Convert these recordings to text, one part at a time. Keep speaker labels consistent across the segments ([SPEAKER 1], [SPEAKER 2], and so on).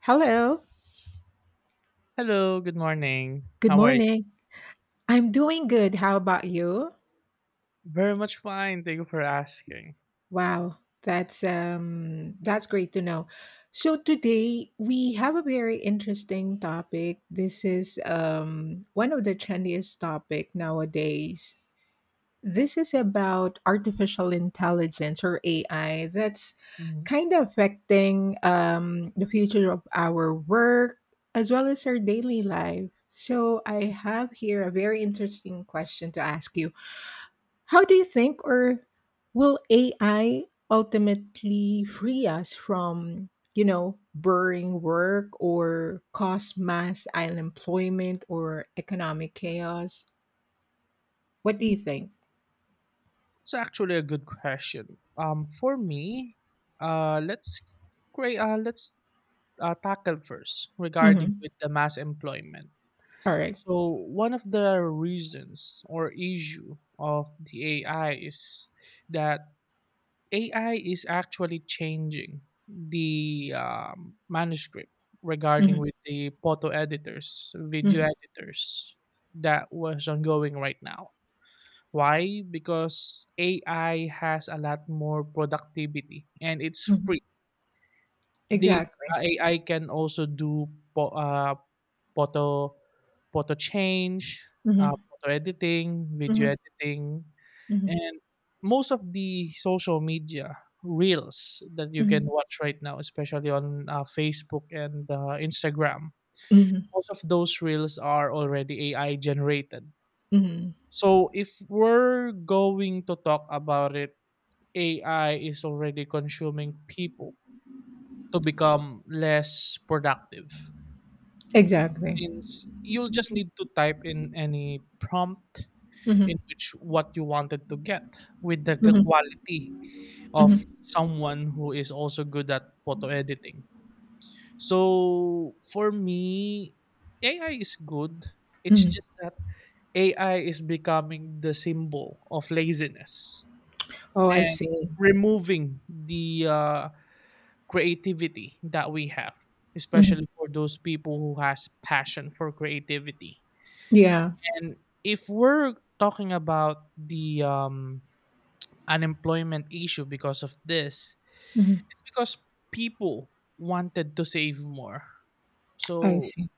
[SPEAKER 1] Hello.
[SPEAKER 2] Hello, good morning.
[SPEAKER 1] Good
[SPEAKER 2] How are you?
[SPEAKER 1] morning. I'm doing good. How about you?
[SPEAKER 2] Very much fine. Thank you for asking.
[SPEAKER 1] Wow, that's great to know. So today we have a very interesting topic. This is one of the trendiest topic nowadays. This is about artificial intelligence or AI that's
[SPEAKER 2] Mhm.
[SPEAKER 1] kind of affecting the future of our work as well as our daily life. So I have here a very interesting question to ask you. How do you think, or will AI ultimately free us from, boring work or cause mass unemployment or economic chaos? What do
[SPEAKER 2] mm
[SPEAKER 1] you think?
[SPEAKER 2] It's actually a good question. For me, let's create. Let's tackle first regarding
[SPEAKER 1] Mhm.
[SPEAKER 2] with the mass employment.
[SPEAKER 1] All right.
[SPEAKER 2] So one of the reasons or issue of the AI is that AI is actually changing the manuscript regarding
[SPEAKER 1] Mhm.
[SPEAKER 2] with the photo editors,
[SPEAKER 1] Mhm.
[SPEAKER 2] video editors that was ongoing right now. Why? Because AI has a lot more productivity and it's
[SPEAKER 1] Mhm.
[SPEAKER 2] free. The
[SPEAKER 1] Exactly.
[SPEAKER 2] AI can also do po photo photo change,
[SPEAKER 1] Mhm.
[SPEAKER 2] photo editing,
[SPEAKER 1] Mhm.
[SPEAKER 2] video editing,
[SPEAKER 1] Mhm.
[SPEAKER 2] and most of the social media reels that you can
[SPEAKER 1] Mhm.
[SPEAKER 2] watch right now, especially on, Facebook and, Instagram,
[SPEAKER 1] Mhm.
[SPEAKER 2] most of those reels are already AI generated.
[SPEAKER 1] Mhm.
[SPEAKER 2] So if we're going to talk about it, AI is already consuming people to become less productive.
[SPEAKER 1] Exactly.
[SPEAKER 2] Since you'll just need to type in any prompt
[SPEAKER 1] Mhm.
[SPEAKER 2] in which what you wanted to get with the
[SPEAKER 1] Mhm.
[SPEAKER 2] quality of
[SPEAKER 1] Mhm.
[SPEAKER 2] someone who is also good at photo editing. So for me, AI is good. It's
[SPEAKER 1] Mhm.
[SPEAKER 2] just that AI is becoming the symbol of laziness
[SPEAKER 1] Oh, I
[SPEAKER 2] and
[SPEAKER 1] see.
[SPEAKER 2] removing the creativity that we have,
[SPEAKER 1] Mhm.
[SPEAKER 2] especially for those people who has passion for creativity.
[SPEAKER 1] Yeah.
[SPEAKER 2] And if we're talking about the unemployment issue because of this,
[SPEAKER 1] Mhm.
[SPEAKER 2] it's because people wanted to save more.
[SPEAKER 1] I
[SPEAKER 2] So,
[SPEAKER 1] see.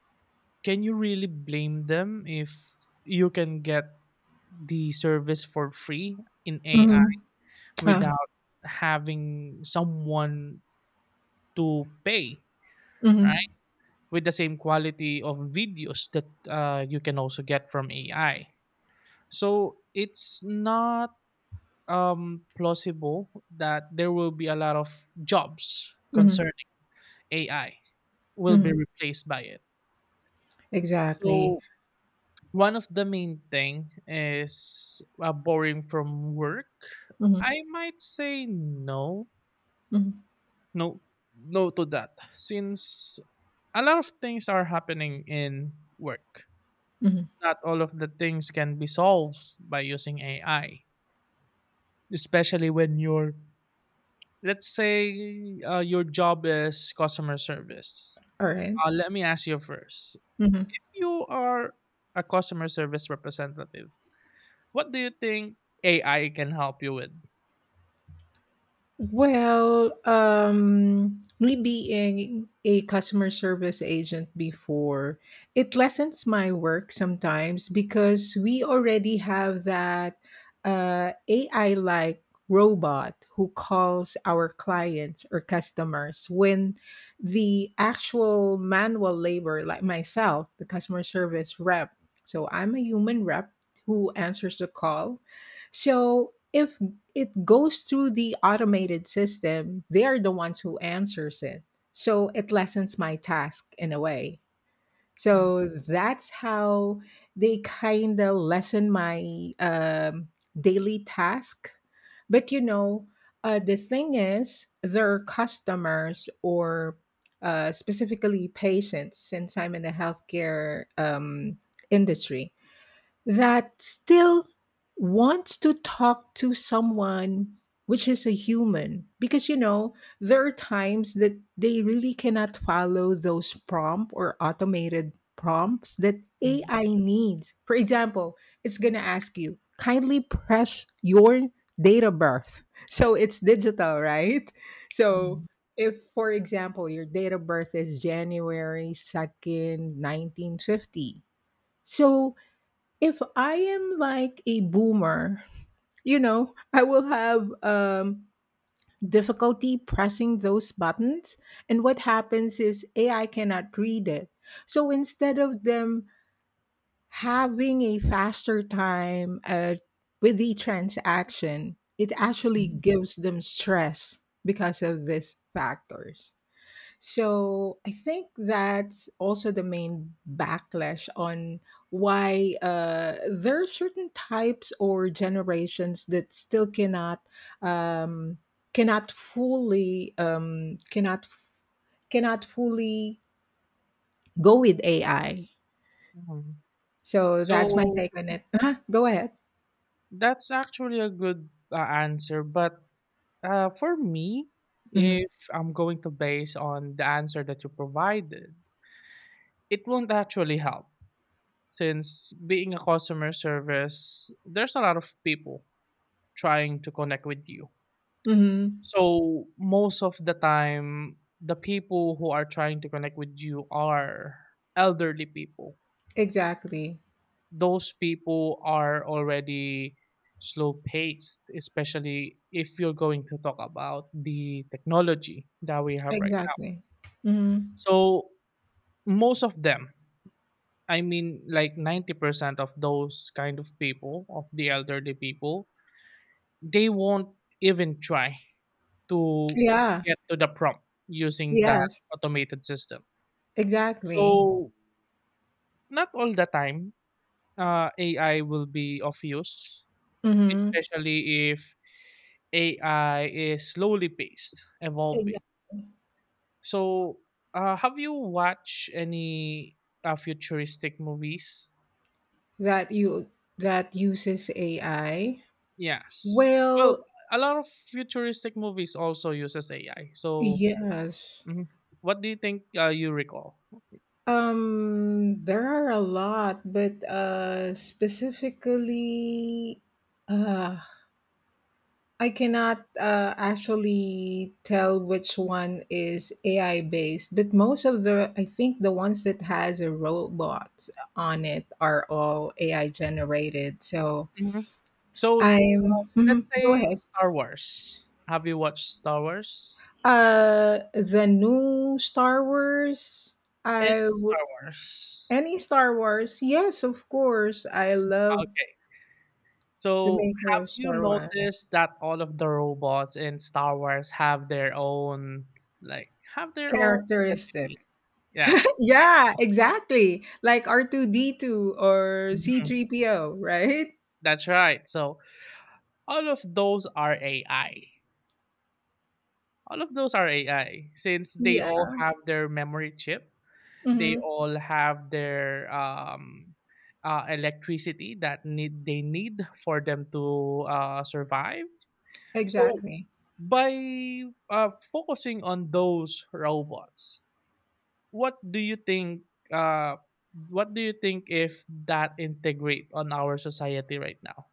[SPEAKER 2] can you really blame them if you can get the service for free in AI
[SPEAKER 1] Mhm. Ah.
[SPEAKER 2] without having someone to pay,
[SPEAKER 1] Mhm.
[SPEAKER 2] right? With the same quality of videos that you can also get from AI. So, it's not plausible that there will be a lot of jobs
[SPEAKER 1] Mhm.
[SPEAKER 2] concerning AI will be
[SPEAKER 1] Mhm.
[SPEAKER 2] replaced by it.
[SPEAKER 1] Exactly.
[SPEAKER 2] So one of the main thing is borrowing from work.
[SPEAKER 1] Mm-hmm.
[SPEAKER 2] I might say no,
[SPEAKER 1] Mm-hmm.
[SPEAKER 2] no, no to that, since a lot of things are happening in work.
[SPEAKER 1] Mm-hmm.
[SPEAKER 2] Not all of the things can be solved by using AI, especially when you're, let's say, your job is customer service.
[SPEAKER 1] All right.
[SPEAKER 2] Let me ask you first. You are a customer service representative. What do you think AI can help you with?
[SPEAKER 1] Well, me being a customer service agent before, it lessens my work sometimes because we already have that AI like robot who calls our clients or customers when the actual manual labor, like myself, the customer service rep, so I'm a human rep who answers the call. So if it goes through the automated system, they're the ones who answers it, so it lessens my task in a way, so that's how they kind of lessen my daily task. But you know, the thing is, their customers or specifically patients, since I'm in the healthcare industry, that still wants to talk to someone, which is a human, because you know, there are times that they really cannot follow those prompt or automated prompts that AI needs. For example, it's going to ask you, kindly press your date of birth. So it's digital, right? So if, for example, your date of birth is January 2nd, 1950, so if I am like a boomer, you know, I will have difficulty pressing those buttons. And what happens is AI cannot read it. So instead of them having a faster time with the transaction, it actually gives them stress because of these factors. So I think that's also the main backlash on why there are certain types or generations that still um, cannot fully cannot fully go with AI.
[SPEAKER 2] Mhm.
[SPEAKER 1] So that's my
[SPEAKER 2] So
[SPEAKER 1] take on it. Uh-huh. Go ahead.
[SPEAKER 2] that's actually a good answer. But for me,
[SPEAKER 1] Hmm.
[SPEAKER 2] if I'm going to base on the answer that you provided, it won't actually help. Since being a customer service, there's a lot of people trying to connect with you.
[SPEAKER 1] Hmm.
[SPEAKER 2] So most of the time, the people who are trying to connect with you are elderly people.
[SPEAKER 1] Exactly.
[SPEAKER 2] Those people are already slow paced, especially if you're going to talk about the technology that we have right now.
[SPEAKER 1] Exactly. Hmm.
[SPEAKER 2] So most of them, I mean like 90% of those kind of people, of the elderly people, they won't even try to
[SPEAKER 1] Yeah.
[SPEAKER 2] get to the prompt using that
[SPEAKER 1] Yes.
[SPEAKER 2] automated system.
[SPEAKER 1] Exactly.
[SPEAKER 2] So not all the time AI will be of use,
[SPEAKER 1] Hmm.
[SPEAKER 2] especially if AI is slowly paced, evolving.
[SPEAKER 1] Exactly.
[SPEAKER 2] So have you watched any futuristic movies?
[SPEAKER 1] That you that uses AI?
[SPEAKER 2] Yes. Well,
[SPEAKER 1] Well,
[SPEAKER 2] a lot of futuristic movies also uses AI. So
[SPEAKER 1] yes.
[SPEAKER 2] mhm. What do you think you recall?
[SPEAKER 1] There are a lot, but specifically, uh, I cannot actually tell which one is AI based. But most of the, I think the ones that has a robot on it are all AI generated. So
[SPEAKER 2] Mhm. So
[SPEAKER 1] I'm. mhm,
[SPEAKER 2] let's
[SPEAKER 1] go
[SPEAKER 2] say
[SPEAKER 1] ahead.
[SPEAKER 2] Star Wars. Have you watched Star Wars?
[SPEAKER 1] The new Star Wars.
[SPEAKER 2] Any
[SPEAKER 1] I w-
[SPEAKER 2] Star Wars?
[SPEAKER 1] any Star Wars? Yes, of course. I love
[SPEAKER 2] Okay.
[SPEAKER 1] the
[SPEAKER 2] So,
[SPEAKER 1] maker
[SPEAKER 2] have
[SPEAKER 1] of
[SPEAKER 2] you
[SPEAKER 1] Star Wars.
[SPEAKER 2] noticed that all of the robots in Star Wars have their own, like, have their own
[SPEAKER 1] Characteristic.
[SPEAKER 2] identity? Yes.
[SPEAKER 1] Yeah, exactly. Like R two D two or C
[SPEAKER 2] Mhm.
[SPEAKER 1] three PO, right?
[SPEAKER 2] That's right. So, all of those are AI. All of those are AI since they
[SPEAKER 1] Yeah.
[SPEAKER 2] all have their memory chip. They
[SPEAKER 1] Hmm.
[SPEAKER 2] all have their electricity that need they need for them to survive. So,
[SPEAKER 1] Exactly.
[SPEAKER 2] by focusing on those robots, what do you think uh what do you think if that integrate on our society right now?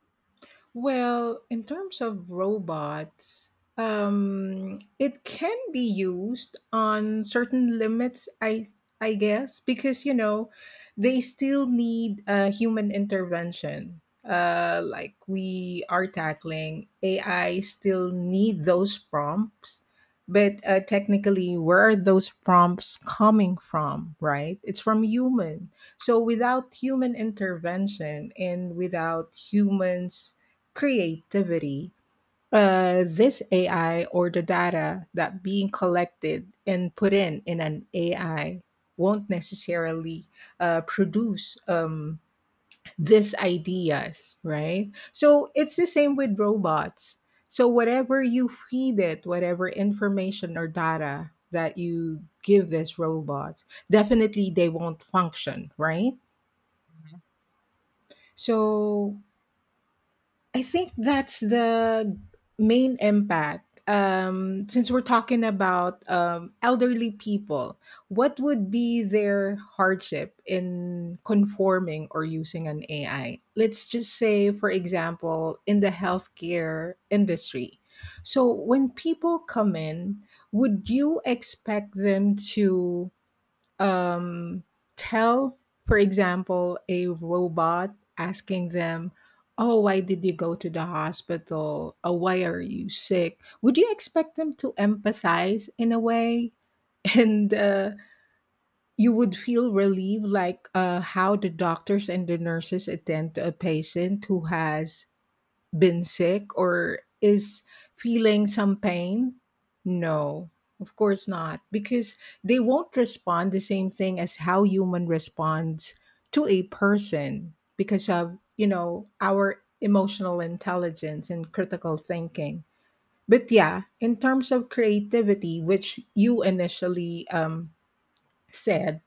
[SPEAKER 1] Well, in terms of robots, it can be used on certain limits, I guess, because you know they still need human intervention. Like we are tackling AI, still need those prompts, but technically, where are those prompts coming from? Right? It's from human. So without human intervention and without humans creativity. This AI or the data that being collected and put in an AI won't necessarily produce these ideas, right? So it's the same with robots. So whatever you feed it, whatever information or data that you give this robots, definitely they won't function, right?
[SPEAKER 2] Mhm,
[SPEAKER 1] So I think that's the main impact. Since we're talking about elderly people, what would be their hardship in conforming or using an AI? Let's just say, for example, in the healthcare industry. So, when people come in, would you expect them to um, tell, for example, a robot asking them, oh, why did you go to the hospital? Oh, why are you sick? Would you expect them to empathize in a way? And you would feel relieved, like how the doctors and the nurses attend to a patient who has been sick or is feeling some pain? No, of course not, because they won't respond the same thing as how human responds to a person because of, you know, our emotional intelligence and critical thinking. But yeah, in terms of creativity, which you initially said,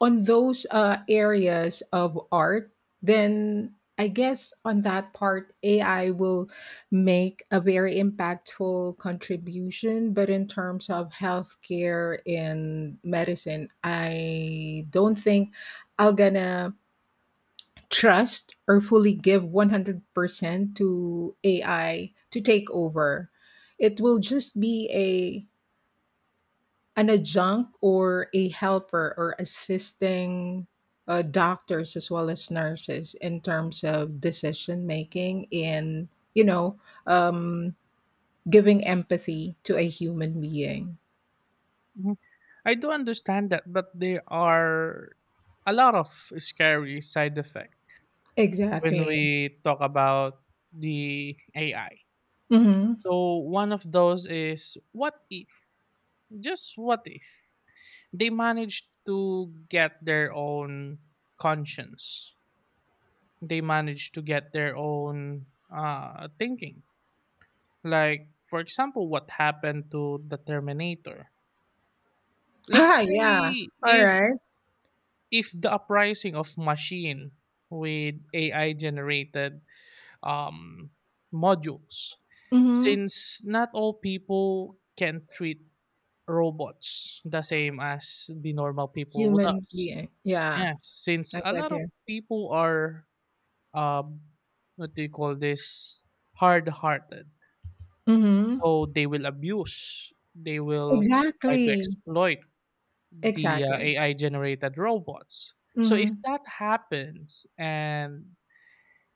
[SPEAKER 1] on those areas of art, then I guess on that part, AI will make a very impactful contribution. But in terms of healthcare and medicine, I don't think I'm gonna trust or fully give 100% to AI to take over. It will just be a an adjunct or a helper or assisting doctors as well as nurses in terms of decision making and you know um, giving empathy to a human being.
[SPEAKER 2] mhm. I do understand that, but there are a lot of scary side effects when
[SPEAKER 1] Exactly.
[SPEAKER 2] we talk about the AI.
[SPEAKER 1] Mm-hmm.
[SPEAKER 2] So one of those is, what if, just what if they manage to get their own conscience, they manage to get their own thinking? Like, for example, what happened to the Terminator?
[SPEAKER 1] Ah,
[SPEAKER 2] Let's
[SPEAKER 1] yeah.
[SPEAKER 2] say
[SPEAKER 1] All
[SPEAKER 2] if
[SPEAKER 1] right.
[SPEAKER 2] if the uprising of machine with AI generated um, modules,
[SPEAKER 1] Mm-hmm.
[SPEAKER 2] since not all people can treat robots the same as the normal people would
[SPEAKER 1] Human
[SPEAKER 2] us.
[SPEAKER 1] being, yeah.
[SPEAKER 2] Yes, since
[SPEAKER 1] I
[SPEAKER 2] a
[SPEAKER 1] got
[SPEAKER 2] lot of
[SPEAKER 1] you.
[SPEAKER 2] people are, um, what do you call this hard hearted.
[SPEAKER 1] Mm-hmm.
[SPEAKER 2] So they will abuse, they will try to
[SPEAKER 1] Exactly.
[SPEAKER 2] exploit the,
[SPEAKER 1] Exactly.
[SPEAKER 2] AI generated robots. So if
[SPEAKER 1] Mm-hmm.
[SPEAKER 2] that happens and,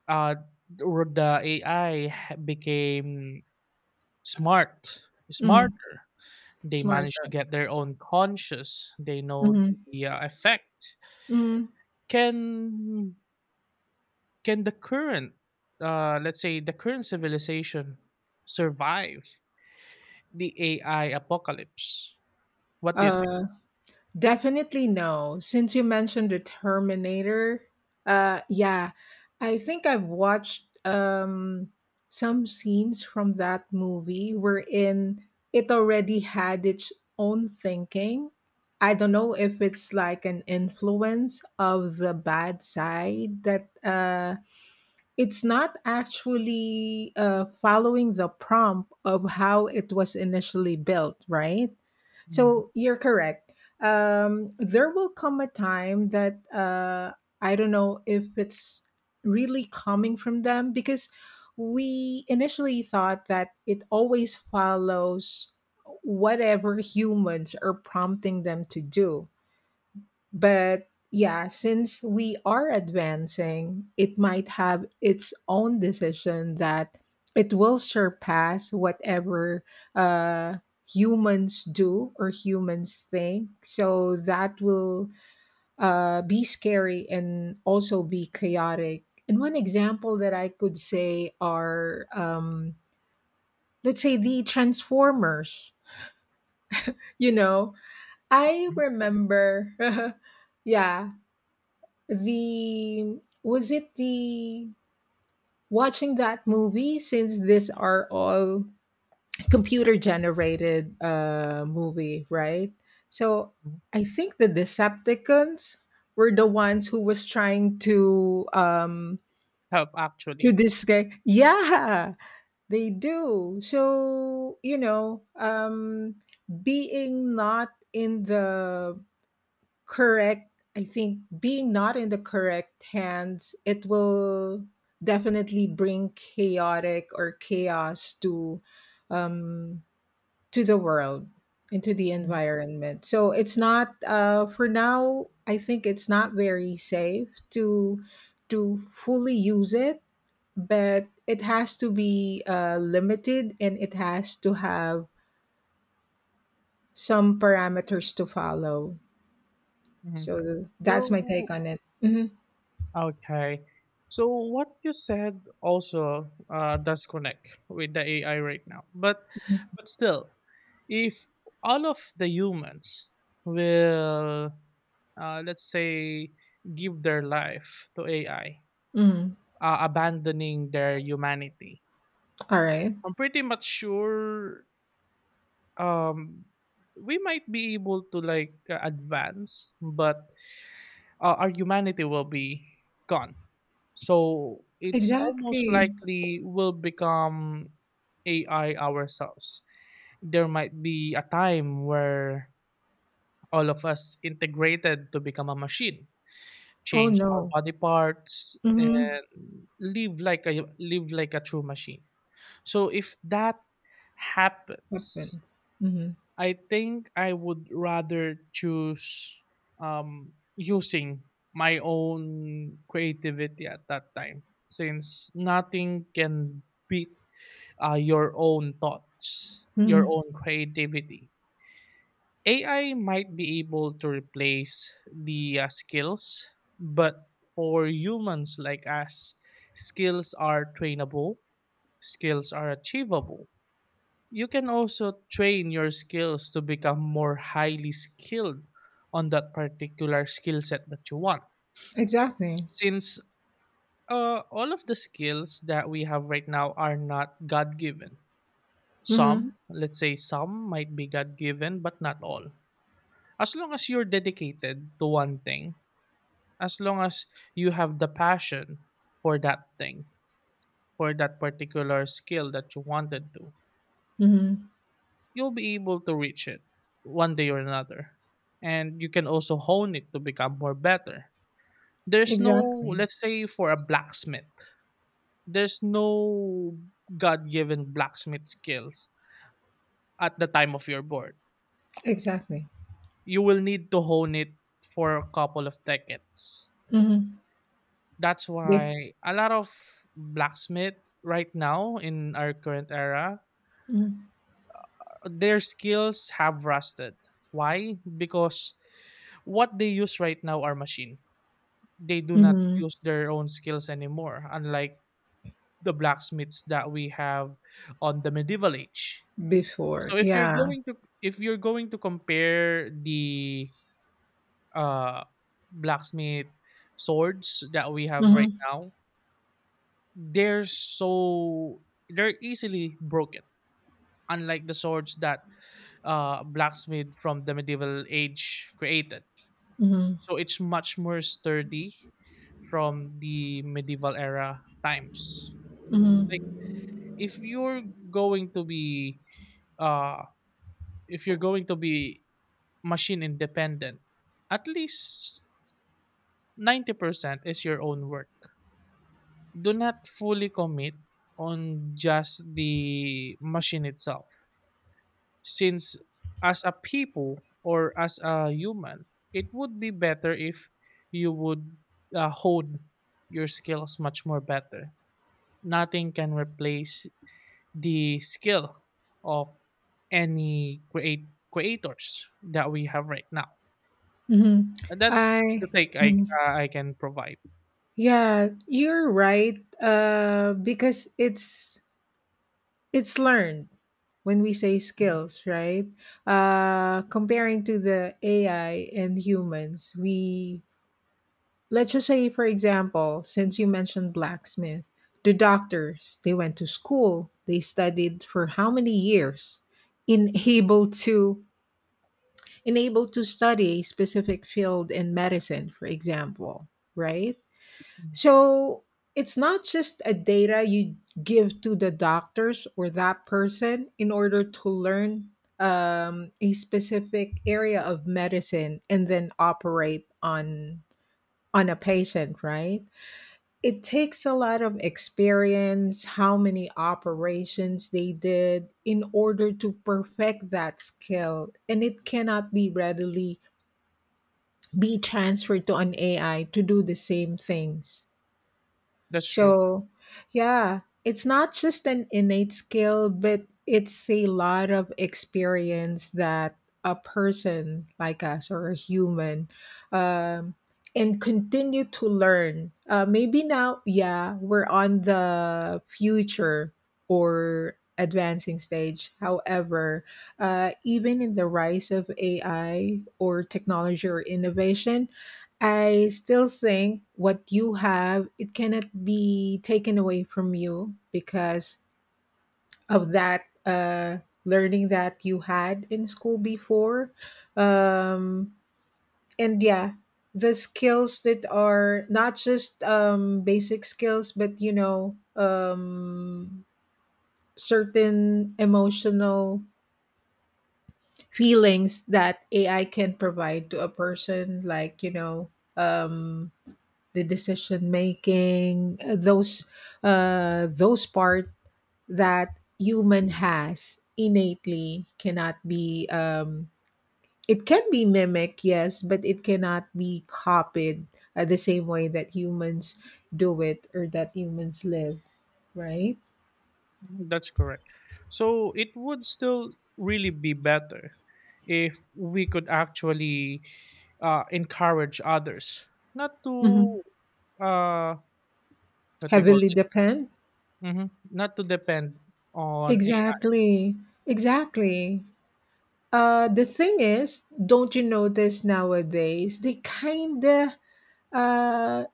[SPEAKER 2] uh, or the AI ha became smart
[SPEAKER 1] Mm-hmm.
[SPEAKER 2] smarter, they
[SPEAKER 1] Smart.
[SPEAKER 2] manage to get their own conscious, they know the, effect.
[SPEAKER 1] Mm,
[SPEAKER 2] Can can the current, let's say, the current civilization survive the AI apocalypse? What do you think?
[SPEAKER 1] uh, definitely no. Since you mentioned the Terminator, yeah, I think I've watched some scenes from that movie wherein it already had its own thinking. I don't know if it's like an influence of the bad side that it's not actually following the prompt of how it was initially built, right?
[SPEAKER 2] Mhm.
[SPEAKER 1] So you're correct. There will come a time that I don't know if it's really coming from them because we initially thought that it always follows whatever humans are prompting them to do, but yeah, since we are advancing, it might have its own decision that it will surpass whatever uh, humans do or humans think. So that will be scary and also be chaotic. And one example that I could say are, let's say, the Transformers. You know, I remember. Yeah, the was it the watching that movie since these are all computer generated movie, right? So
[SPEAKER 2] Mhm.
[SPEAKER 1] I think the Decepticons were the ones who was trying
[SPEAKER 2] Help
[SPEAKER 1] to
[SPEAKER 2] actually.
[SPEAKER 1] this guy, yeah, they do. So you know, being not in the correct. I think being not in the correct hands, it will definitely bring chaotic or chaos um, to the world, into the
[SPEAKER 2] Mhm,
[SPEAKER 1] environment. So it's not for now. I think it's not very safe to fully use it, but it has to be limited and it has to have some parameters to follow.
[SPEAKER 2] mhm.
[SPEAKER 1] So that's my take
[SPEAKER 2] So,
[SPEAKER 1] on it. Mhm.
[SPEAKER 2] okay. So what you said also does connect with the AI right now. But still, if all of the humans will, let's say, give their life to AI,
[SPEAKER 1] Mm,
[SPEAKER 2] abandoning their humanity,
[SPEAKER 1] alright.
[SPEAKER 2] I'm pretty much sure um, we might be able to like advance, but our humanity will be gone. So it's almost
[SPEAKER 1] Exactly.
[SPEAKER 2] likely we'll become AI ourselves. There might be a time where all of us integrated to become a machine,
[SPEAKER 1] Oh,
[SPEAKER 2] change our
[SPEAKER 1] no.
[SPEAKER 2] body parts,
[SPEAKER 1] Mhm.
[SPEAKER 2] and live like a true machine. So if that happens,
[SPEAKER 1] Weapon. Mhm.
[SPEAKER 2] I think I would rather choose using my own creativity at that time, since nothing can beat your own thoughts, your
[SPEAKER 1] Mhm.
[SPEAKER 2] own creativity. AI might be able to replace the skills, but for humans like us, skills are trainable, skills are achievable. You can also train your skills to become more highly skilled on that particular skill set that you want,
[SPEAKER 1] Exactly.
[SPEAKER 2] since all of the skills that we have right now are not god given. Some,
[SPEAKER 1] Mhm.
[SPEAKER 2] let's say, some might be god given, but not all. As long as you're dedicated to one thing, as long as you have the passion for that thing, for that particular skill that you wanted to,
[SPEAKER 1] Mhm.
[SPEAKER 2] you'll be able to reach it one day or another. And you can also hone it to become more better. There's no,
[SPEAKER 1] Exactly.
[SPEAKER 2] let's say for a blacksmith, there's no God given blacksmith skills at the time of your board.
[SPEAKER 1] Exactly.
[SPEAKER 2] You will need to hone it for a couple of decades.
[SPEAKER 1] Mhm.
[SPEAKER 2] That's
[SPEAKER 1] Be.
[SPEAKER 2] why a lot of blacksmith right now in our current era,
[SPEAKER 1] Mhm.
[SPEAKER 2] their skills have rusted. Why? Because what they use right now are machine. They do not
[SPEAKER 1] Mhm.
[SPEAKER 2] use their own skills anymore, unlike the blacksmiths that we have on the medieval age.
[SPEAKER 1] Before.
[SPEAKER 2] So
[SPEAKER 1] Yeah.
[SPEAKER 2] if you're going to compare the uh blacksmith swords that we have right
[SPEAKER 1] Mhm.
[SPEAKER 2] now, they're so they're easily broken, unlike the swords that blacksmith from the medieval age created.
[SPEAKER 1] Mhm.
[SPEAKER 2] So it's much more sturdy from the medieval era times. Like
[SPEAKER 1] Mhm.
[SPEAKER 2] if you're going to be uh if you're going to be machine independent, at least 90% is your own work. Do not fully commit on just the machine itself, since as a people or as a human, it would be better if you would hone your skills much more better. Nothing can replace the skill of any create creators that we have right now.
[SPEAKER 1] Mhm.
[SPEAKER 2] And that's the
[SPEAKER 1] I
[SPEAKER 2] take
[SPEAKER 1] mhm.
[SPEAKER 2] I can provide.
[SPEAKER 1] Yeah, you're right, because it's learned when we say skills, right? Uh, comparing to the AI and humans, we let's just say, for example, since you mentioned blacksmith, the doctors, they went to school, they studied for how many years in able to in able to study a specific field in medicine, for example, right?
[SPEAKER 2] Mhm.
[SPEAKER 1] So it's not just a data you give to the doctors or that person in order to learn a specific area of medicine and then operate on a patient, right? It takes a lot of experience, how many operations they did in order to perfect that skill. And it cannot be readily be transferred to an AI to do the same things.
[SPEAKER 2] That's true.
[SPEAKER 1] So, yeah, it's not just an innate skill, but it's a lot of experience that a person like us or a human um, and continue to learn. Maybe now, yeah, we're on the future or advancing stage. However, even in the rise of AI or technology or innovation, I still think what you have it cannot be taken away from you because of that learning that you had in school before, um, and yeah, the skills that are not just basic skills, but you know, certain emotional feelings that AI can provide to a person, like you know. Um, the decision making, those part that human has innately cannot be. It can be mimicked, yes, but it cannot be copied the same way that humans do it or that humans live, right?
[SPEAKER 2] Mhm, that's correct. So it would still really be better if we could actually encourage others not to,
[SPEAKER 1] Mhm.
[SPEAKER 2] uh, what do you call
[SPEAKER 1] Heavily
[SPEAKER 2] this?
[SPEAKER 1] depend.
[SPEAKER 2] Hmm not to depend on AI.
[SPEAKER 1] Exactly. Exactly. The thing is, don't you notice nowadays they kinda uh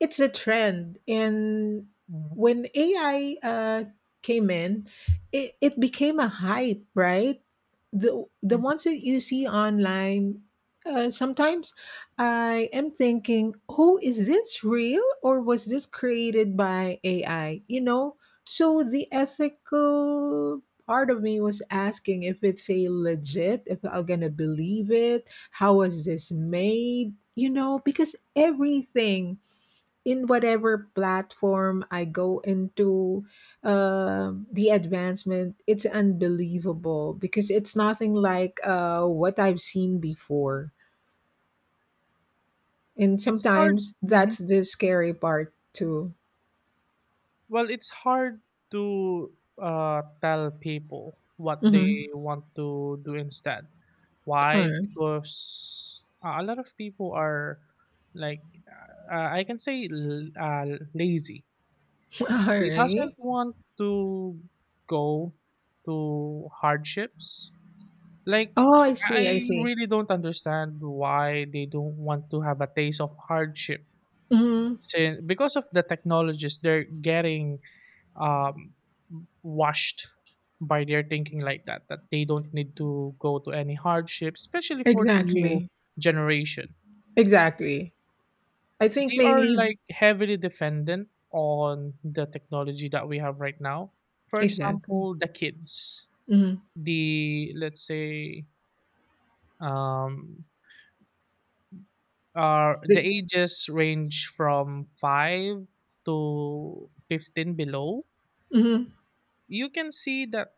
[SPEAKER 1] it's a trend. And
[SPEAKER 2] Mhm,
[SPEAKER 1] when AI came in, it became a hype, right? The
[SPEAKER 2] mhm.
[SPEAKER 1] ones that you see online, sometimes I am thinking, oh, is this real or was this created by AI, you know? So the ethical part of me was asking if it's a legit, if I'm gonna believe it, how was this made, you know, because everything in whatever platform I go into, the advancement, it's unbelievable because it's nothing like what I've seen before. And
[SPEAKER 2] It's hard.
[SPEAKER 1] sometimes
[SPEAKER 2] Mm-hmm.
[SPEAKER 1] that's the scary part too.
[SPEAKER 2] Well, it's hard to tell people what
[SPEAKER 1] Mm-hmm.
[SPEAKER 2] they want to do instead.
[SPEAKER 1] All
[SPEAKER 2] Why?
[SPEAKER 1] right.
[SPEAKER 2] Because a lot of people are like I can say lazy.
[SPEAKER 1] All
[SPEAKER 2] They doesn't
[SPEAKER 1] right.
[SPEAKER 2] want to go to hardships. Like,
[SPEAKER 1] Oh, I
[SPEAKER 2] I
[SPEAKER 1] see. I see.
[SPEAKER 2] really don't understand why they don't want to have a taste of hardship.
[SPEAKER 1] Hmm.
[SPEAKER 2] Since because of the technologies, they're getting um, washed by their thinking like that, that they don't need to go to any hardship, especially for the new
[SPEAKER 1] Exactly.
[SPEAKER 2] generation.
[SPEAKER 1] Exactly. I think
[SPEAKER 2] They are
[SPEAKER 1] mainly,
[SPEAKER 2] like heavily dependent on the technology that we have right now. For
[SPEAKER 1] exactly.
[SPEAKER 2] example, the kids,
[SPEAKER 1] Hmm.
[SPEAKER 2] the let's say um are the
[SPEAKER 1] The,
[SPEAKER 2] ages range from 5 to 15 below,
[SPEAKER 1] mhm.
[SPEAKER 2] you can see that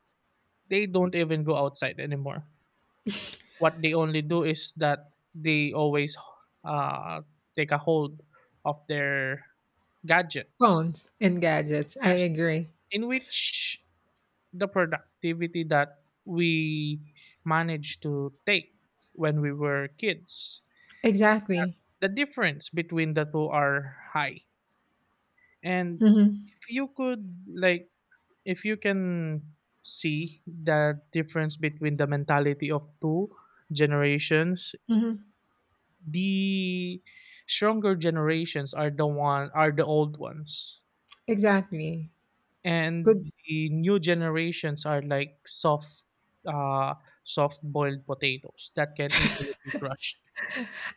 [SPEAKER 2] they don't even go outside anymore. What they only do is that they always uh, take a hold of their gadgets.
[SPEAKER 1] Phones and gadgets. I
[SPEAKER 2] Yes.
[SPEAKER 1] agree.
[SPEAKER 2] In which the productivity that we managed to take when we were kids,
[SPEAKER 1] Exactly.
[SPEAKER 2] the difference between the two are high. And
[SPEAKER 1] Hmm.
[SPEAKER 2] if you could, like if you can see the difference between the mentality of two generations,
[SPEAKER 1] Hmm.
[SPEAKER 2] the stronger generations are the one are the old ones,
[SPEAKER 1] Exactly. Good.
[SPEAKER 2] and the new generations are like soft uh soft boiled potatoes that can easily be crushed,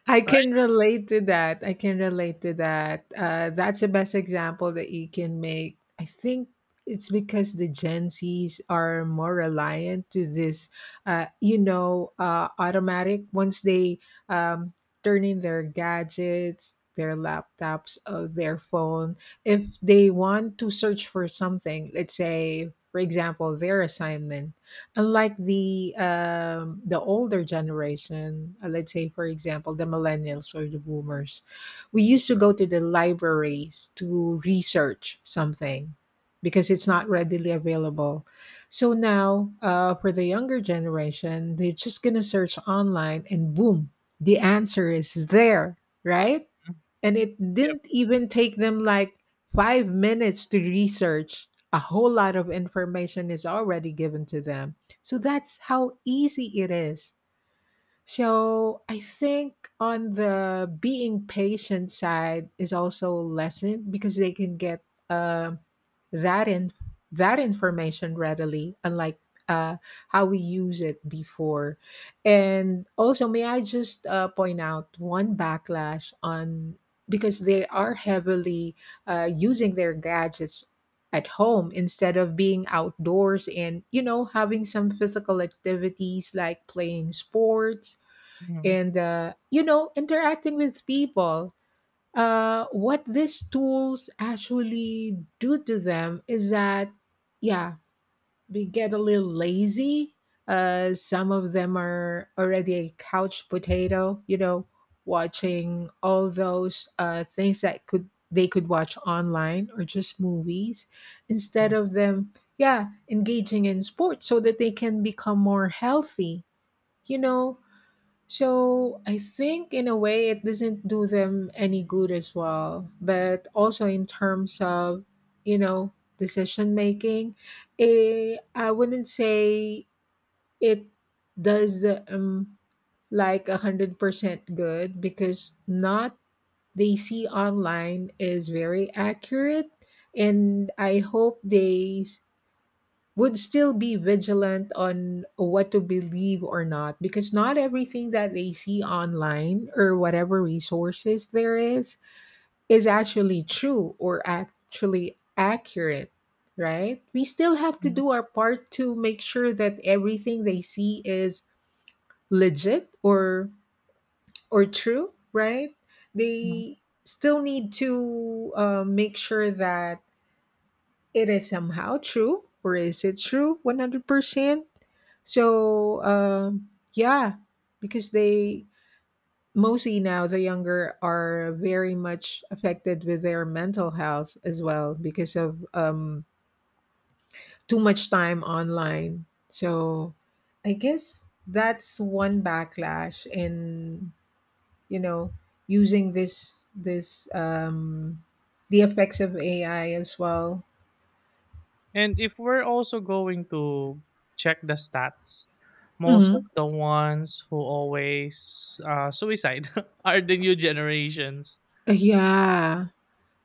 [SPEAKER 1] I
[SPEAKER 2] right?
[SPEAKER 1] can relate to that. I can relate to that. That's the best example that you can make. I think it's because the Gen Zs are more reliant to this, automatic. Once they um, turn in their gadgets, their laptops, or their phone, if they want to search for something, let's say, for example, their assignment. Unlike the older generation, let's say for example the millennials or the boomers, we used to go to the libraries to research something because it's not readily available. So now, for the younger generation, they're just gonna search online and boom, the answer is there, right? And it
[SPEAKER 2] Yep.
[SPEAKER 1] didn't even take them like 5 minutes to research. A whole lot of information is already given to them. So that's how easy it is. So I think on the being patient side is also lessened because they can get uh, that in that information readily, unlike uh, how we use it before. And also, may I just point out one backlash on because they are heavily using their gadgets at home instead of being outdoors and having some physical activities like playing sports
[SPEAKER 2] Mhm,
[SPEAKER 1] and interacting with people. What these tools actually do to them is that, yeah, they get a little lazy. Some of them are already a couch potato, watching all those things that could they could watch online or just movies instead
[SPEAKER 2] mhm,
[SPEAKER 1] of them, yeah, engaging in sports so that they can become more healthy you know so I think in a way it doesn't do them any good as well. But also in terms of, you know, decision making, I wouldn't say it does the, like 100% good because not they see online is very accurate, and I hope they would still be vigilant on what to believe or not, because not everything that they see online or whatever resources there is actually true or actually accurate. Right, we still have to
[SPEAKER 2] mhm,
[SPEAKER 1] do our part to make sure that everything they see is legit or true, right?
[SPEAKER 2] mhm.
[SPEAKER 1] They still need to make sure that it is somehow true, or is it true 100%? So, yeah, because they, mostly now the younger, are very much affected with their mental health as well because of too much time online. So, I guess that's one backlash in you know using this this the effects of AI as well.
[SPEAKER 2] And if we're also going to check the stats, most of
[SPEAKER 1] Hmm.
[SPEAKER 2] the ones who always, suicide are the new generations.
[SPEAKER 1] Yeah.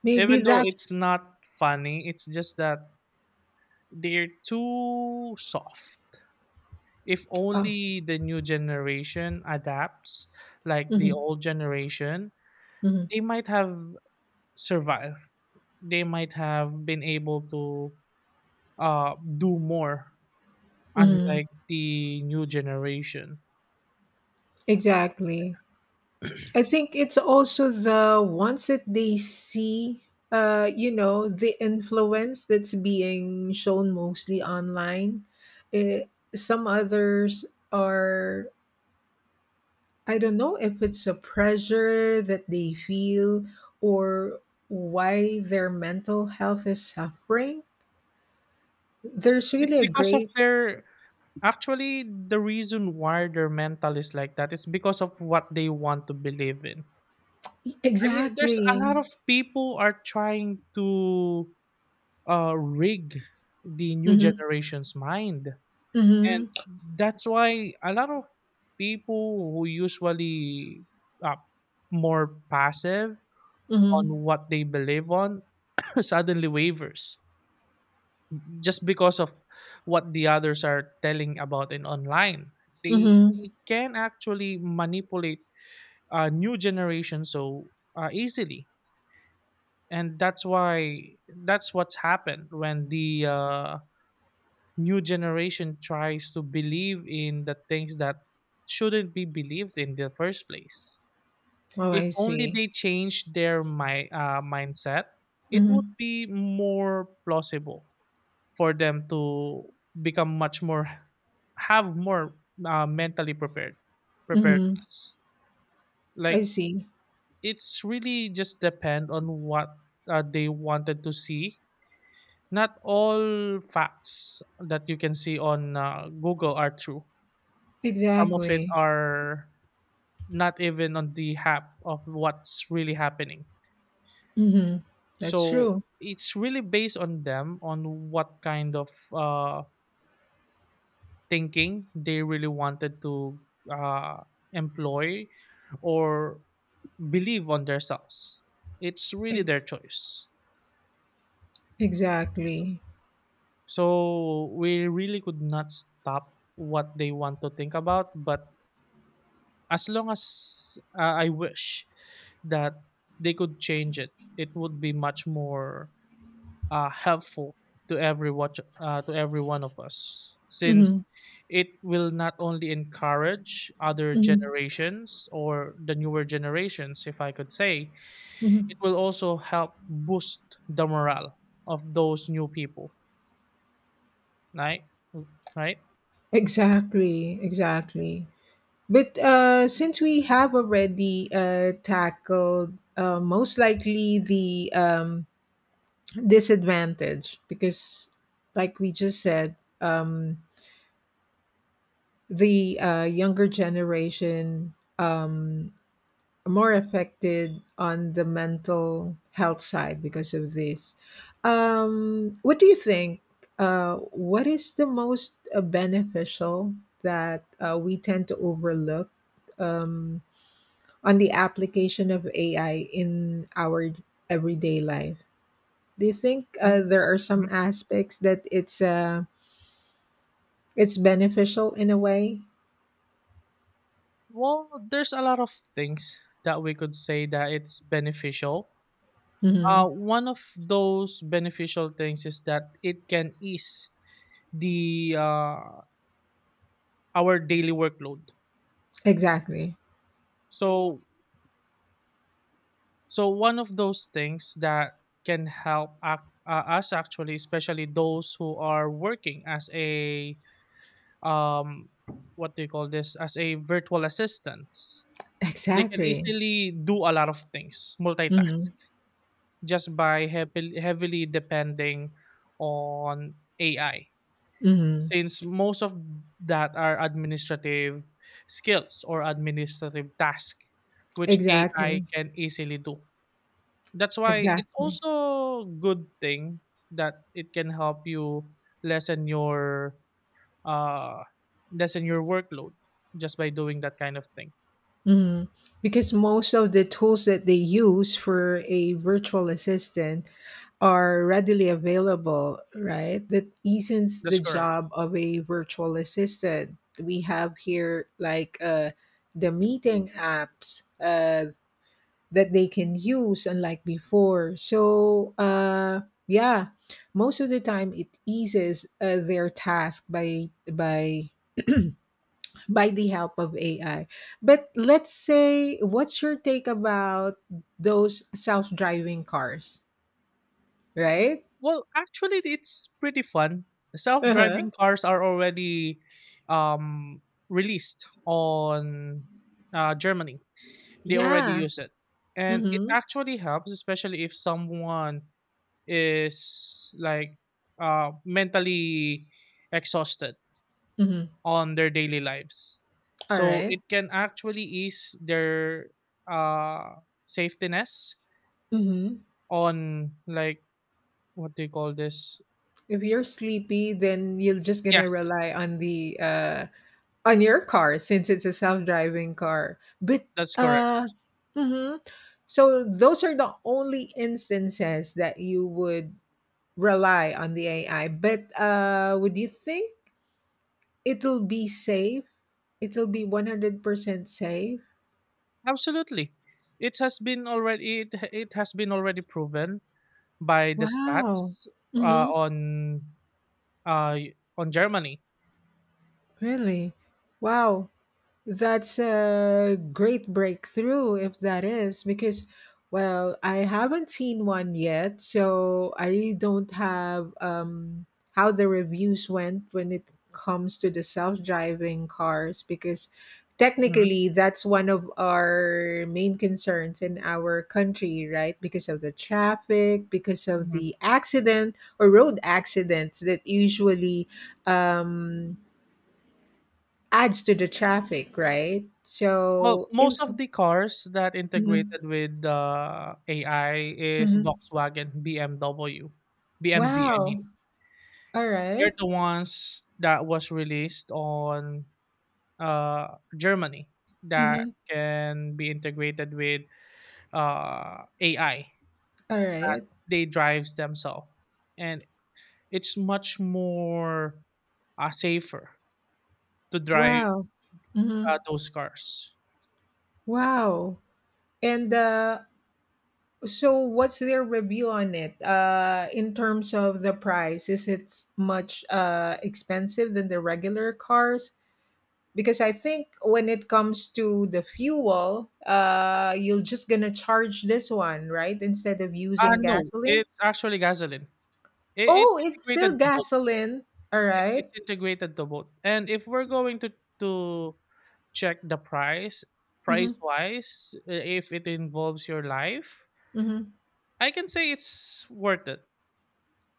[SPEAKER 1] Maybe
[SPEAKER 2] Even though
[SPEAKER 1] that's
[SPEAKER 2] it's not funny, it's just that they're too soft. If
[SPEAKER 1] uh
[SPEAKER 2] only the new generation adapts like
[SPEAKER 1] mhm,
[SPEAKER 2] the old generation,
[SPEAKER 1] mhm,
[SPEAKER 2] they might have survived. They might have been able to uh, do more,
[SPEAKER 1] mhm.
[SPEAKER 2] unlike the new generation.
[SPEAKER 1] Exactly. I think it's also the ones that they see, the influence that's being shown mostly online. Eh, some others are, I don't know if it's a pressure that they feel or why their mental health is suffering. There's
[SPEAKER 2] It's
[SPEAKER 1] really a
[SPEAKER 2] because of
[SPEAKER 1] great.
[SPEAKER 2] their actually the reason why their mental is like that is because of what they want to believe in. I mean, there's a
[SPEAKER 1] Exactly.
[SPEAKER 2] lot of people are trying to rig the new
[SPEAKER 1] Mm-hmm,
[SPEAKER 2] generation's mind. And
[SPEAKER 1] mm-hmm,
[SPEAKER 2] that's why a lot of people who usually are more passive on
[SPEAKER 1] mm-hmm.
[SPEAKER 2] what they believe on suddenly wavers just because of what the others are telling about in online. They,
[SPEAKER 1] Mhm.
[SPEAKER 2] they can actually manipulate a new generation so easily. And that's why that's what's happened when the new generation tries to believe in the things that shouldn't be believed in the first place.
[SPEAKER 1] Oh,
[SPEAKER 2] If
[SPEAKER 1] I
[SPEAKER 2] only
[SPEAKER 1] see.
[SPEAKER 2] they change their mindset, it would
[SPEAKER 1] Mhm,
[SPEAKER 2] be more plausible for them to become much more have more mentally prepared
[SPEAKER 1] mhm.
[SPEAKER 2] preparedness.
[SPEAKER 1] I
[SPEAKER 2] Like
[SPEAKER 1] see.
[SPEAKER 2] it's really just depend on what they wanted to see. Not all facts that you can see on Google are true. Some of it
[SPEAKER 1] Exactly.
[SPEAKER 2] are not even on the half of what's really happening.
[SPEAKER 1] Mhm. That's
[SPEAKER 2] So
[SPEAKER 1] true.
[SPEAKER 2] it's really based on them on what kind of thinking they really wanted to uh, employ or believe on themselves. It's
[SPEAKER 1] E
[SPEAKER 2] really their choice. So
[SPEAKER 1] exactly.
[SPEAKER 2] so we really could not stop what they want to think about, but as long as I wish that they could change it, it would be much more helpful to to every one of us, since
[SPEAKER 1] Mhm,
[SPEAKER 2] it will not only encourage other
[SPEAKER 1] mhm,
[SPEAKER 2] generations or the newer generations, if I could say,
[SPEAKER 1] mhm.
[SPEAKER 2] it will also help boost the morale of those new people, right? Right?
[SPEAKER 1] Exactly, exactly. But, since we have already, tackled, most likely the, disadvantage, because like we just said, the, younger generation, um more affected on the mental health side because of this. What do you think? What is the most beneficial that we tend to overlook um, on the application of AI in our everyday life? Do you think there are some
[SPEAKER 2] Mhm.
[SPEAKER 1] aspects that it's beneficial in a way.
[SPEAKER 2] Well, there's a lot of things that we could say that it's beneficial.
[SPEAKER 1] Mhm.
[SPEAKER 2] One of those beneficial things is that it can ease the our daily workload.
[SPEAKER 1] Exactly.
[SPEAKER 2] So so one of those things that can help us actually, especially those who are working as a um, what do you call this? As a virtual assistants, they can
[SPEAKER 1] Exactly.
[SPEAKER 2] easily do a lot of things, multitask,
[SPEAKER 1] Mhm.
[SPEAKER 2] just by heavily depending on AI,
[SPEAKER 1] Mhm.
[SPEAKER 2] since most of that are administrative skills or administrative task which AI
[SPEAKER 1] Exactly.
[SPEAKER 2] can easily do. That's why it's
[SPEAKER 1] Exactly.
[SPEAKER 2] also good thing that it can help you lessen your uh lessen your workload just by doing that kind of thing.
[SPEAKER 1] Mhm. Because most of the tools that they use for a virtual assistant are readily available, right? That eases the
[SPEAKER 2] That's correct.
[SPEAKER 1] job of a virtual assistant. We have here like the meeting apps that they can use, unlike before. So, yeah, most of the time it eases their task by the help of AI. But let's say, what's your take about those self driving cars, right?
[SPEAKER 2] Well, actually it's pretty fun.
[SPEAKER 1] Uh-huh.
[SPEAKER 2] Self-driving cars are already um released on Germany, they already
[SPEAKER 1] Yeah.
[SPEAKER 2] use it, and it
[SPEAKER 1] Mm-hmm.
[SPEAKER 2] actually helps especially if someone is like mentally exhausted
[SPEAKER 1] Mm-hmm.
[SPEAKER 2] on their daily lives,
[SPEAKER 1] All
[SPEAKER 2] so
[SPEAKER 1] right.
[SPEAKER 2] it can actually ease their uh safetiness
[SPEAKER 1] Mm-hmm.
[SPEAKER 2] on, like, what do you call this?
[SPEAKER 1] If you're sleepy, then you're just gonna
[SPEAKER 2] Yes,
[SPEAKER 1] rely on your car since it's a self-driving car. But
[SPEAKER 2] that's correct.
[SPEAKER 1] uh mm-hmm. So those are the only instances that you would rely on the AI. But would you think it'll be safe? It'll be 100% safe?
[SPEAKER 2] Absolutely. It has been already, it has been already proven by the
[SPEAKER 1] Wow.
[SPEAKER 2] stats, uh,
[SPEAKER 1] Mm-hmm.
[SPEAKER 2] on uh, on Germany.
[SPEAKER 1] Really? Wow. That's a great breakthrough if that is, because, well, I haven't seen one yet, so I really don't have how the reviews went when it comes to the self driving cars, because
[SPEAKER 2] Mm-hmm.
[SPEAKER 1] technically that's one of our main concerns in our country, right? Because of the traffic, because of
[SPEAKER 2] Mhm.
[SPEAKER 1] the accident or road accidents that usually um, adds to the traffic, right?
[SPEAKER 2] Well,
[SPEAKER 1] So
[SPEAKER 2] most
[SPEAKER 1] if.
[SPEAKER 2] of the cars that
[SPEAKER 1] Mhm,
[SPEAKER 2] integrated with AI is
[SPEAKER 1] mhm.
[SPEAKER 2] Volkswagen, BMW, BMV. I mean,
[SPEAKER 1] Wow. All
[SPEAKER 2] they're
[SPEAKER 1] right.
[SPEAKER 2] the ones that was released on Germany that
[SPEAKER 1] Mhm.
[SPEAKER 2] can be integrated with AI.
[SPEAKER 1] All right.
[SPEAKER 2] They drives themselves, and it's much more safer to drive
[SPEAKER 1] Wow. Mhm.
[SPEAKER 2] those cars.
[SPEAKER 1] Wow. And so what's their review on it? In terms of the price, is it much expensive than the regular cars? Because I think when it comes to the fuel, you're just gonna charge this one, right? Instead of using
[SPEAKER 2] No,
[SPEAKER 1] gasoline.
[SPEAKER 2] it's actually gasoline. It's
[SPEAKER 1] Oh, it's still
[SPEAKER 2] integrated to both.
[SPEAKER 1] gasoline. All
[SPEAKER 2] Yes,
[SPEAKER 1] right.
[SPEAKER 2] it's integrated to both. And if we're going to to check the price,
[SPEAKER 1] Mm-hmm.
[SPEAKER 2] price wise, if it involves your life,
[SPEAKER 1] Mm-hmm.
[SPEAKER 2] I can say it's worth it.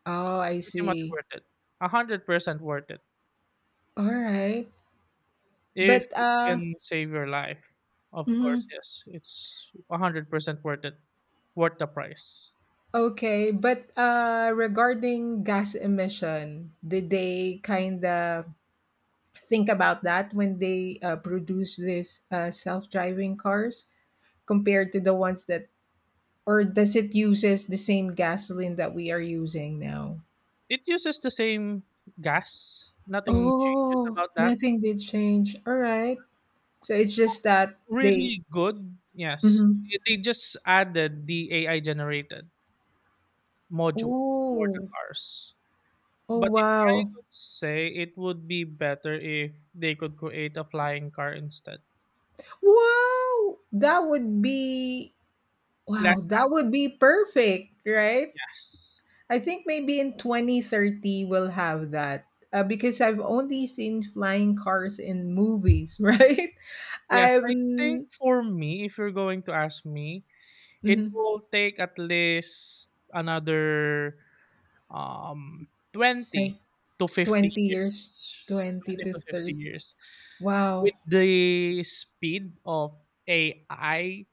[SPEAKER 1] Oh, I
[SPEAKER 2] Pretty much
[SPEAKER 1] see.
[SPEAKER 2] worth it. 100% worth it.
[SPEAKER 1] All right.
[SPEAKER 2] If
[SPEAKER 1] But
[SPEAKER 2] it can save your life, of course,
[SPEAKER 1] mhm.
[SPEAKER 2] yes, it's 100% worth it. Worth the price.
[SPEAKER 1] Okay, but regarding gas emission, did they kind of think about that when they produce this self-driving cars compared to the ones that, or does it uses the same gasoline that we are using now?
[SPEAKER 2] It uses the same gas. Nothing changes
[SPEAKER 1] Oh,
[SPEAKER 2] about that.
[SPEAKER 1] nothing did change. All right. So it's
[SPEAKER 2] So
[SPEAKER 1] just
[SPEAKER 2] it's
[SPEAKER 1] that they.
[SPEAKER 2] really good. Yes.
[SPEAKER 1] Mhm.
[SPEAKER 2] It- they just added the AI generated module for the
[SPEAKER 1] Oh,
[SPEAKER 2] cars.
[SPEAKER 1] oh,
[SPEAKER 2] But if I
[SPEAKER 1] wow.
[SPEAKER 2] could say, it would be better if they could create a flying car instead.
[SPEAKER 1] Wow! That would be wow,
[SPEAKER 2] Less
[SPEAKER 1] that would
[SPEAKER 2] hassle.
[SPEAKER 1] be perfect, right?
[SPEAKER 2] Yes.
[SPEAKER 1] I think maybe in 2030 we'll have that. Because I've only seen flying cars in movies, right?
[SPEAKER 2] Yes,
[SPEAKER 1] I've
[SPEAKER 2] I think for me, if you're going to ask me, it
[SPEAKER 1] mm,
[SPEAKER 2] will take at least another um 20
[SPEAKER 1] say
[SPEAKER 2] to 50
[SPEAKER 1] 20
[SPEAKER 2] years.
[SPEAKER 1] years, 20
[SPEAKER 2] 20
[SPEAKER 1] to
[SPEAKER 2] to 50
[SPEAKER 1] 30.
[SPEAKER 2] years.
[SPEAKER 1] Wow.
[SPEAKER 2] With the speed of AI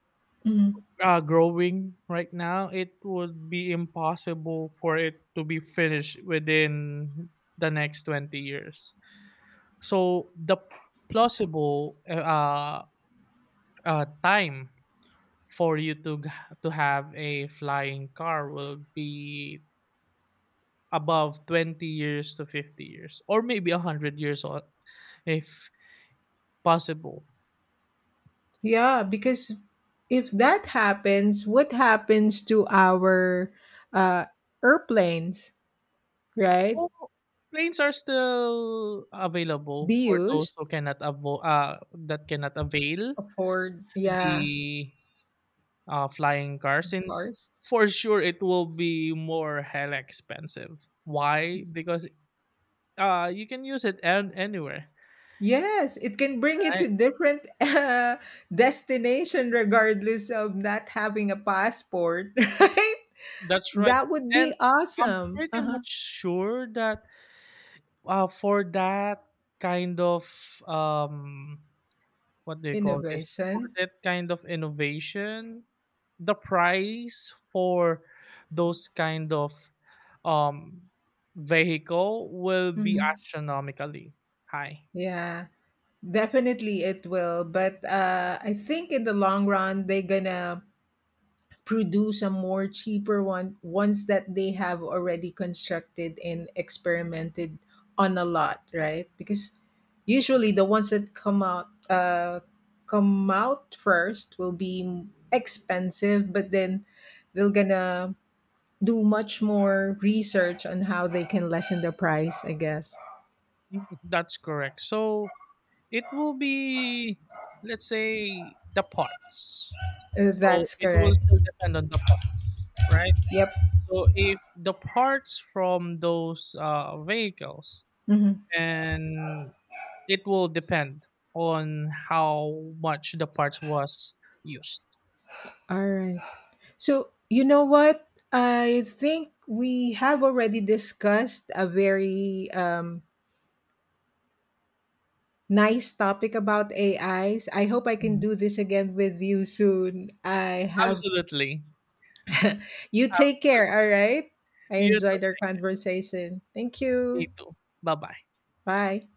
[SPEAKER 1] Mhm.
[SPEAKER 2] growing right now, it would be impossible for it to be finished within the next 20 years. So the plausible time for you to to have a flying car will be above 20 years to 50 years or maybe 100 years if possible.
[SPEAKER 1] Yeah, because if that happens, what happens to our uh, airplanes? Right?
[SPEAKER 2] Or planes are still
[SPEAKER 1] Be
[SPEAKER 2] available for those
[SPEAKER 1] used.
[SPEAKER 2] who cannot avo- that cannot avail
[SPEAKER 1] Afford, yeah.
[SPEAKER 2] the flying car, since
[SPEAKER 1] Cars.
[SPEAKER 2] for sure it will be more hell expensive. Why? Because you can use it anywhere.
[SPEAKER 1] Yes, it can bring you
[SPEAKER 2] I,
[SPEAKER 1] to different destination regardless of not having a passport, right?
[SPEAKER 2] that's right.
[SPEAKER 1] That would
[SPEAKER 2] And
[SPEAKER 1] be
[SPEAKER 2] I'm
[SPEAKER 1] awesome.
[SPEAKER 2] pretty
[SPEAKER 1] Uh-huh.
[SPEAKER 2] much sure that for that kind of um, what do you call this? For
[SPEAKER 1] Innovation.
[SPEAKER 2] that kind of innovation, the price for those kind of um vehicle will be
[SPEAKER 1] Mhm.
[SPEAKER 2] astronomically high.
[SPEAKER 1] Yeah, definitely it will. But I think in the long run, they're gonna produce a more cheaper one. Ones that they have already constructed and experimented on a lot, right? Because usually the ones that come out first will be expensive, but then they're gonna do much more research on how they can lessen the price, I guess.
[SPEAKER 2] Mm, that's correct. So it will be, let's say, the parts. So
[SPEAKER 1] That's
[SPEAKER 2] it will
[SPEAKER 1] correct.
[SPEAKER 2] still depend on the parts, right?
[SPEAKER 1] Yep.
[SPEAKER 2] So if the parts from those vehicles,
[SPEAKER 1] Mhm.
[SPEAKER 2] and it will depend on how much the parts was used.
[SPEAKER 1] All right. So, you know what? I think we have already discussed a very nice topic about AIs. I hope I can
[SPEAKER 2] Mhm.
[SPEAKER 1] do this again with you soon. I have.
[SPEAKER 2] Absolutely.
[SPEAKER 1] You take
[SPEAKER 2] Absolutely.
[SPEAKER 1] care, all right? I
[SPEAKER 2] You too.
[SPEAKER 1] enjoyed our conversation. Thank
[SPEAKER 2] Me
[SPEAKER 1] you.
[SPEAKER 2] too. Bye bye.
[SPEAKER 1] Bye.